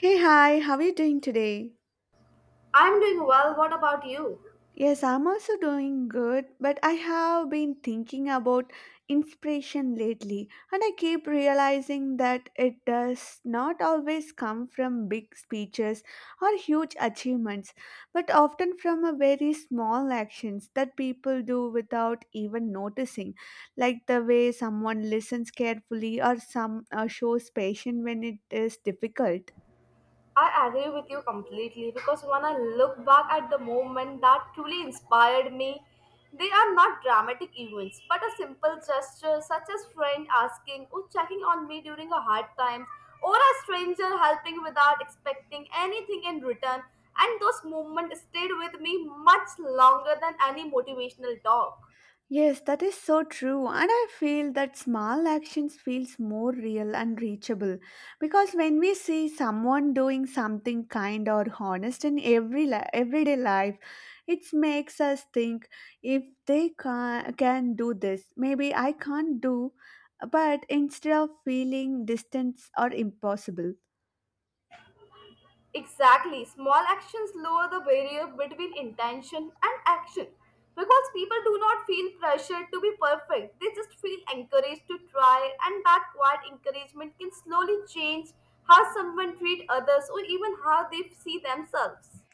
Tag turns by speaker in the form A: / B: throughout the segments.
A: Hey, hi, how are you doing today?
B: I'm doing well. What about you?
A: Yes, I'm also doing good, but I have been thinking about inspiration lately, and I keep realizing that it does not always come from big speeches or huge achievements, but often from a very small actions that people do without even noticing, like the way someone listens carefully or some shows patience when it is difficult.
B: I agree with you completely because when I look back at the moment that truly inspired me, they are not dramatic events but a simple gesture such as friend asking or checking on me during a hard time or a stranger helping without expecting anything in return, and those moments stayed with me much longer than any motivational talk.
A: Yes, that is so true, and I feel that small actions feels more real and reachable because when we see someone doing something kind or honest in everyday life, it makes us think if they can do this, maybe I can't do. But instead of feeling distance or impossible.
B: Exactly. Small actions lower the barrier between intention and action. Because people do not feel pressured to be perfect, they just feel encouraged to try, and that quiet encouragement can slowly change how someone treats others or even how they see themselves.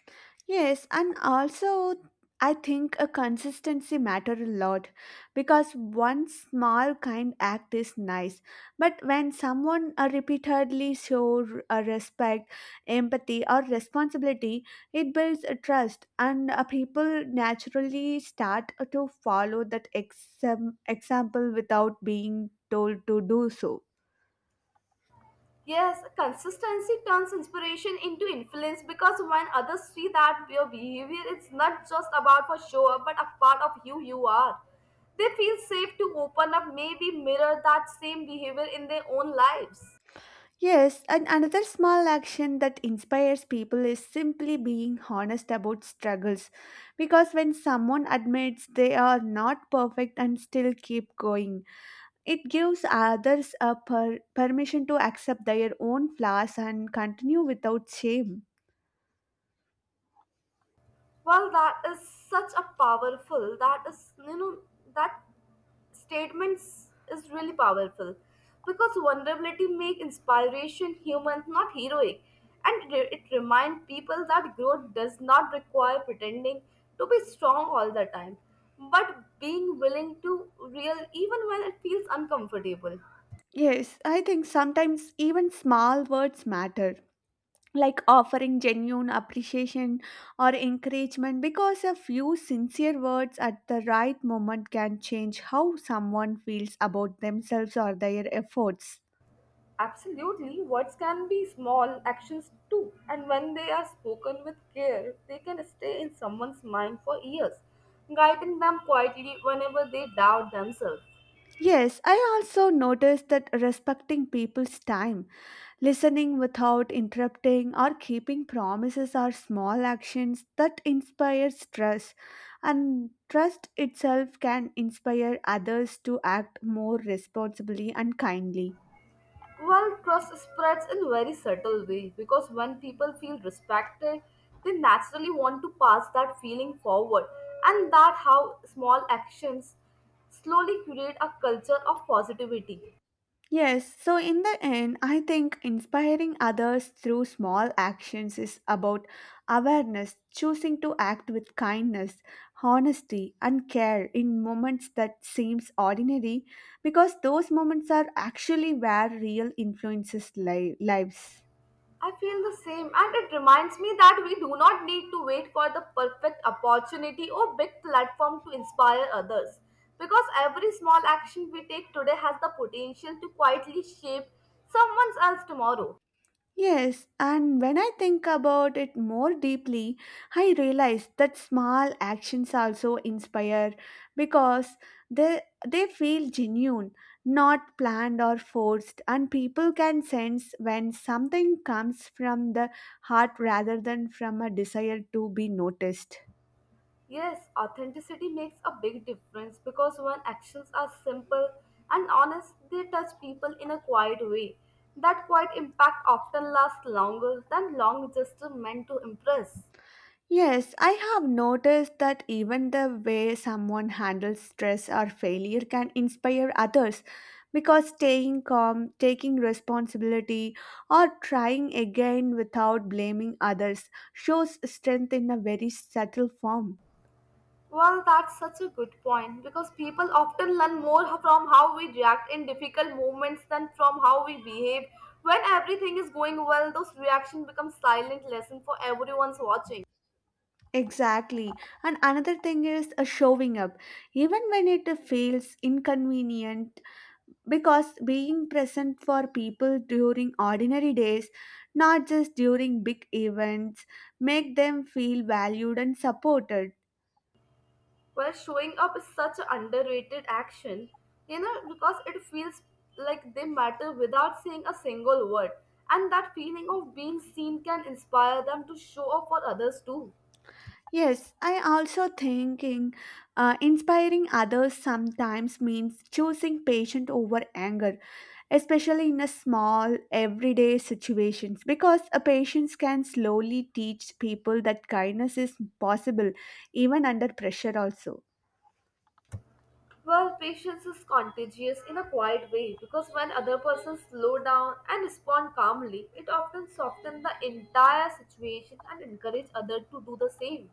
A: Yes, and also I think a consistency matter a lot because one small kind act is nice, but when someone repeatedly show respect, empathy, or responsibility, it builds a trust, and people naturally start to follow that example without being told to do so.
B: Yes, consistency turns inspiration into influence because when others see that your behavior is not just about for show up but a part of who you are, they feel safe to open up, maybe mirror that same behavior in their own lives.
A: Yes, and another small action that inspires people is simply being honest about struggles. Because when someone admits they are not perfect and still keep going, it gives others a permission to accept their own flaws and continue without shame.
B: Well, that is such a powerful, that is, that statements is really powerful because vulnerability make inspiration human not heroic, and it reminds people that growth does not require pretending to be strong all the time, but being willing to real even when it feels uncomfortable.
A: Yes, I think sometimes even small words matter, like offering genuine appreciation or encouragement because a few sincere words at the right moment can change how someone feels about themselves or their efforts.
B: Absolutely, words can be small actions too, and when they are spoken with care, they can stay in someone's mind for years, guiding them quietly whenever they doubt themselves.
A: Yes, I also noticed that respecting people's time, listening without interrupting, or keeping promises are small actions that inspire trust, and trust itself can inspire others to act more responsibly and kindly.
B: Well, trust spreads in very subtle way because when people feel respected, they naturally want to pass that feeling forward, and that how small actions slowly create a culture of positivity.
A: Yes, so in the end, I think inspiring others through small actions is about awareness, choosing to act with kindness, honesty, and care in moments that seems ordinary because those moments are actually where real influences lives.
B: I feel the same, and it reminds me that we do not need to wait for the perfect opportunity or big platform to inspire others, because every small action we take today has the potential to quietly shape someone else tomorrow.
A: Yes, and when I think about it more deeply, I realize that small actions also inspire because they, they feel genuine, not planned or forced, and people can sense when something comes from the heart rather than from a desire to be noticed.
B: Yes, authenticity makes a big difference because when actions are simple and honest, they touch people in a quiet way. That quiet impact often lasts longer than long gestures meant to impress.
A: Yes, I have noticed that even the way someone handles stress or failure can inspire others because staying calm, taking responsibility, or trying again without blaming others shows strength in a very subtle form.
B: Well, that's such a good point because people often learn more from how we react in difficult moments than from how we behave. When everything is going well, those reactions become silent lesson for everyone's watching.
A: Exactly. And another thing is showing up. Even when it feels inconvenient, because being present for people during ordinary days, not just during big events, make them feel valued and supported.
B: Well, showing up is such an underrated action, you know, because it feels like they matter without saying a single word. And that feeling of being seen can inspire them to show up for others too.
A: Yes, I also thinking, inspiring others sometimes means choosing patience over anger, especially in a small everyday situations because a patience can slowly teach people that kindness is possible even under pressure also.
B: Well, patience is contagious in a quiet way because when other persons slow down and respond calmly, it often softens the entire situation and encourages others to do the same.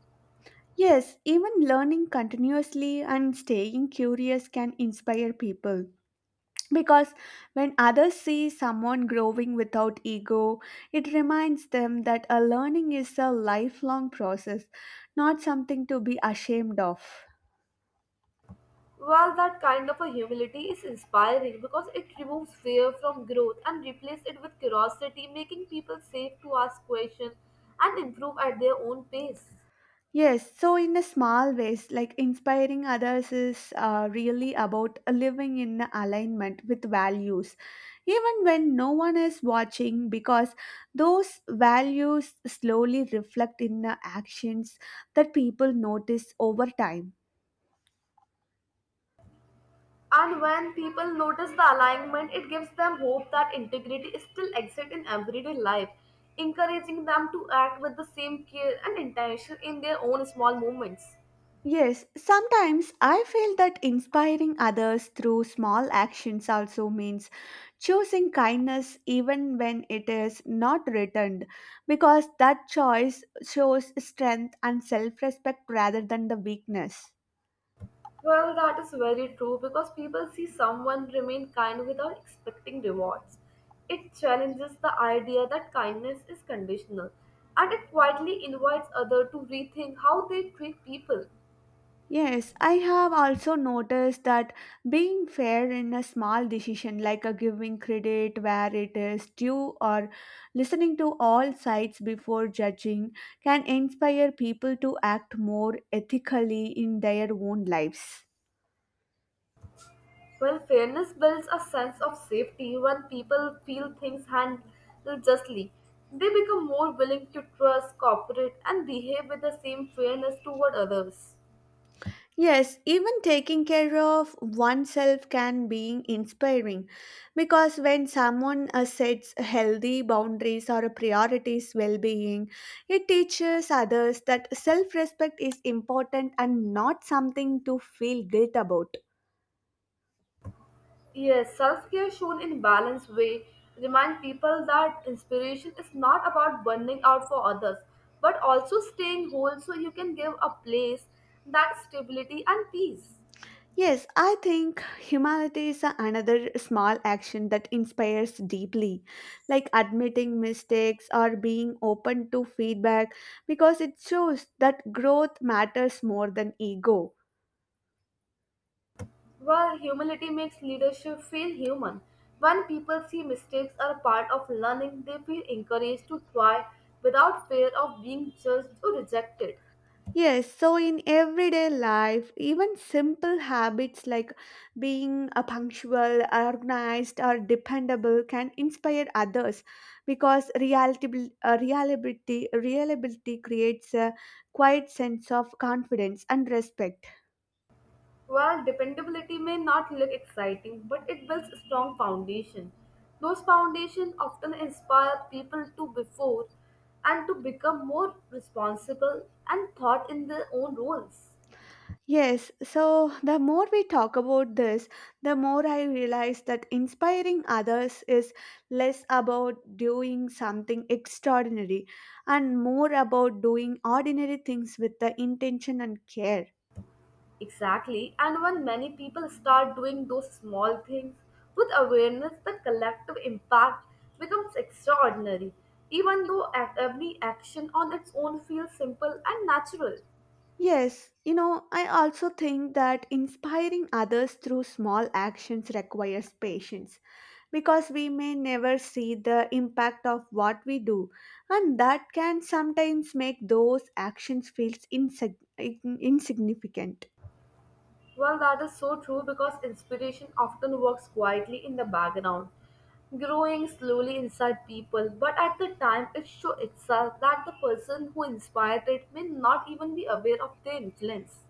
A: Yes, even learning continuously and staying curious can inspire people. Because when others see someone growing without ego, it reminds them that a learning is a lifelong process, not something to be ashamed of.
B: Well, that kind of a humility is inspiring because it removes fear from growth and replaces it with curiosity, making people safe to ask questions and improve at their own pace.
A: Yes, so in a small ways, like inspiring others is really about living in alignment with values, even when no one is watching, because those values slowly reflect in the actions that people notice over time.
B: And when people notice the alignment, it gives them hope that integrity still exists in everyday life, encouraging them to act with the same care and intention in their own small moments.
A: Yes, sometimes I feel that inspiring others through small actions also means choosing kindness even when it is not returned, because that choice shows strength and self respect rather than the weakness.
B: Well, that is very true because people see someone remain kind without expecting rewards. It challenges the idea that kindness is conditional, and it quietly invites others to rethink how they treat people.
A: Yes, I have also noticed that being fair in a small decision, like a giving credit where it is due or listening to all sides before judging, can inspire people to act more ethically in their own lives.
B: Well, fairness builds a sense of safety when people feel things handled justly. They become more willing to trust, cooperate, and behave with the same fairness toward others.
A: Yes, even taking care of oneself can be inspiring because when someone sets healthy boundaries or priorities well being, it teaches others that self respect is important and not something to feel guilt about.
B: Yes, self care shown in balanced way remind people that inspiration is not about burning out for others, but also staying whole so you can give a place that stability and peace.
A: Yes, I think humility is another small action that inspires deeply, like admitting mistakes or being open to feedback because it shows that growth matters more than ego.
B: Well, humility makes leadership feel human. When people see mistakes are a part of learning, they feel encouraged to try without fear of being judged or rejected.
A: Yes, so in everyday life, even simple habits like being a punctual, organized, or dependable can inspire others because reliability creates a quiet sense of confidence and respect.
B: Well, dependability may not look exciting, but it builds a strong foundation. Those foundations often inspire people to before and to become more responsible and thought in their own roles.
A: Yes, so the more we talk about this, the more I realize that inspiring others is less about doing something extraordinary and more about doing ordinary things with the intention and care.
B: Exactly, and when many people start doing those small things with awareness, the collective impact becomes extraordinary, even though every action on its own feels simple and natural.
A: Yes, you know, I also think that inspiring others through small actions requires patience because we may never see the impact of what we do, and that can sometimes make those actions feel insignificant.
B: Well, that is so true because inspiration often works quietly in the background, growing slowly inside people, but at the time it shows itself that the person who inspired it may not even be aware of their influence.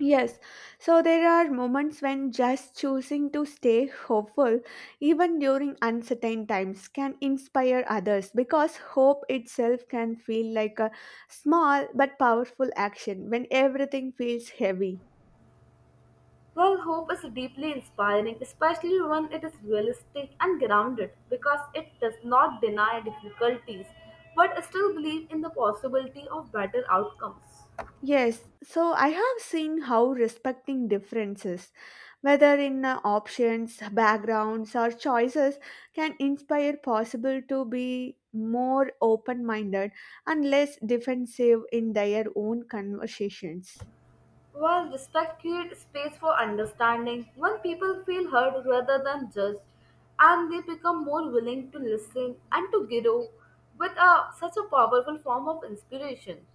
A: Yes, so there are moments when just choosing to stay hopeful, even during uncertain times, can inspire others because hope itself can feel like a small but powerful action when everything feels heavy.
B: Well, hope is deeply inspiring, especially when it is realistic and grounded because it does not deny difficulties but still believe in the possibility of better outcomes.
A: Yes, so I have seen how respecting differences, whether in options, backgrounds, or choices, can inspire possible to be more open minded and less defensive in their own conversations.
B: While respect creates space for understanding, when people feel heard rather than judged, and they become more willing to listen and to grow with a, such a powerful form of inspiration.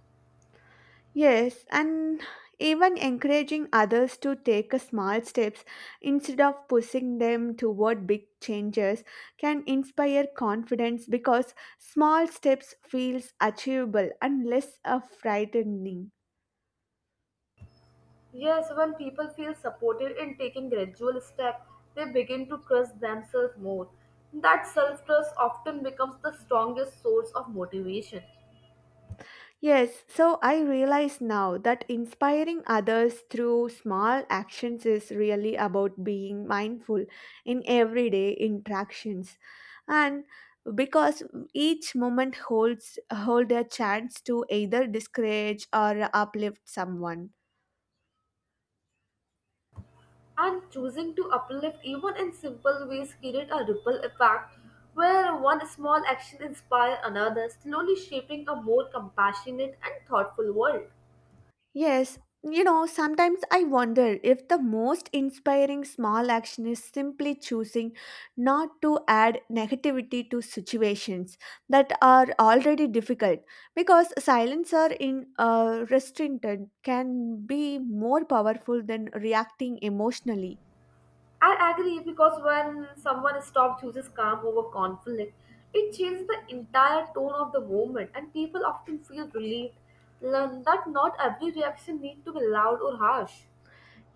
A: Yes, and even encouraging others to take a small steps instead of pushing them toward big changes can inspire confidence because small steps feels achievable and less frightening.
B: Yes, when people feel supported in taking gradual steps, they begin to trust themselves more. That self trust often becomes the strongest source of motivation.
A: Yes, so I realize now that inspiring others through small actions is really about being mindful in everyday interactions. And because each moment hold a chance to either discourage or uplift someone.
B: And choosing to uplift even in simple ways create a ripple effect where one small action inspires another, slowly shaping a more compassionate and thoughtful world.
A: Yes, you know, sometimes I wonder if the most inspiring small action is simply choosing not to add negativity to situations that are already difficult because silence or in restraint can be more powerful than reacting emotionally.
B: I agree, because when someone stops chooses calm over conflict, it changes the entire tone of the moment and people often feel relieved, learn that not every reaction needs to be loud or harsh.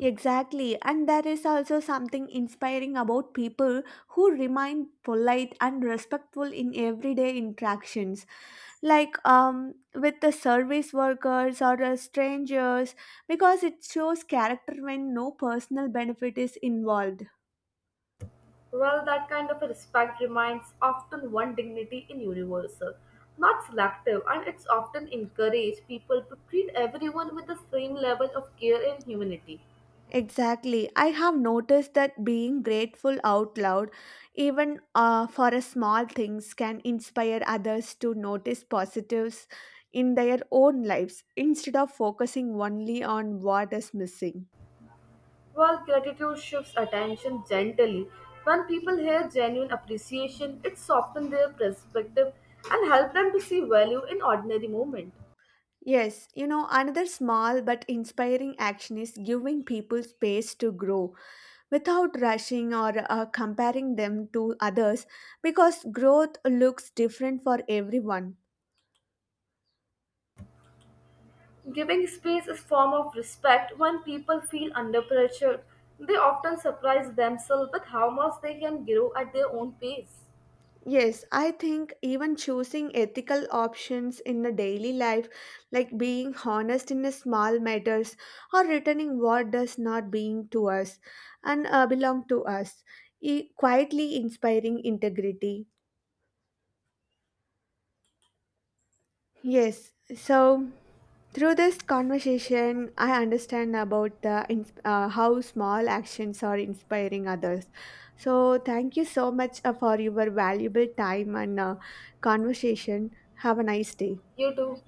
A: Exactly, and there is also something inspiring about people who remain polite and respectful in everyday interactions. Like with the service workers or the strangers, because it shows character when no personal benefit is involved.
B: Well, that kind of a respect reminds often one dignity in universal, not selective, and it's often encouraged people to treat everyone with the same level of care and humanity.
A: Exactly. I have noticed that being grateful out loud, even for a small things, can inspire others to notice positives in their own lives instead of focusing only on what is missing.
B: While gratitude shifts attention gently, when people hear genuine appreciation, it softens their perspective and help them to see value in ordinary moment.
A: Yes, you know, another small but inspiring action is giving people space to grow without rushing or comparing them to others because growth looks different for everyone.
B: Giving space is form of respect. When people feel under pressure, they often surprise themselves with how much they can grow at their own pace.
A: Yes, I think even choosing ethical options in a daily life, like being honest in a small matters or returning what does not being to us and belong to us, quietly inspiring integrity. Yes, so through this conversation, I understand about the how small actions are inspiring others. So thank you so much for your valuable time and conversation. Have a nice day.
B: You too.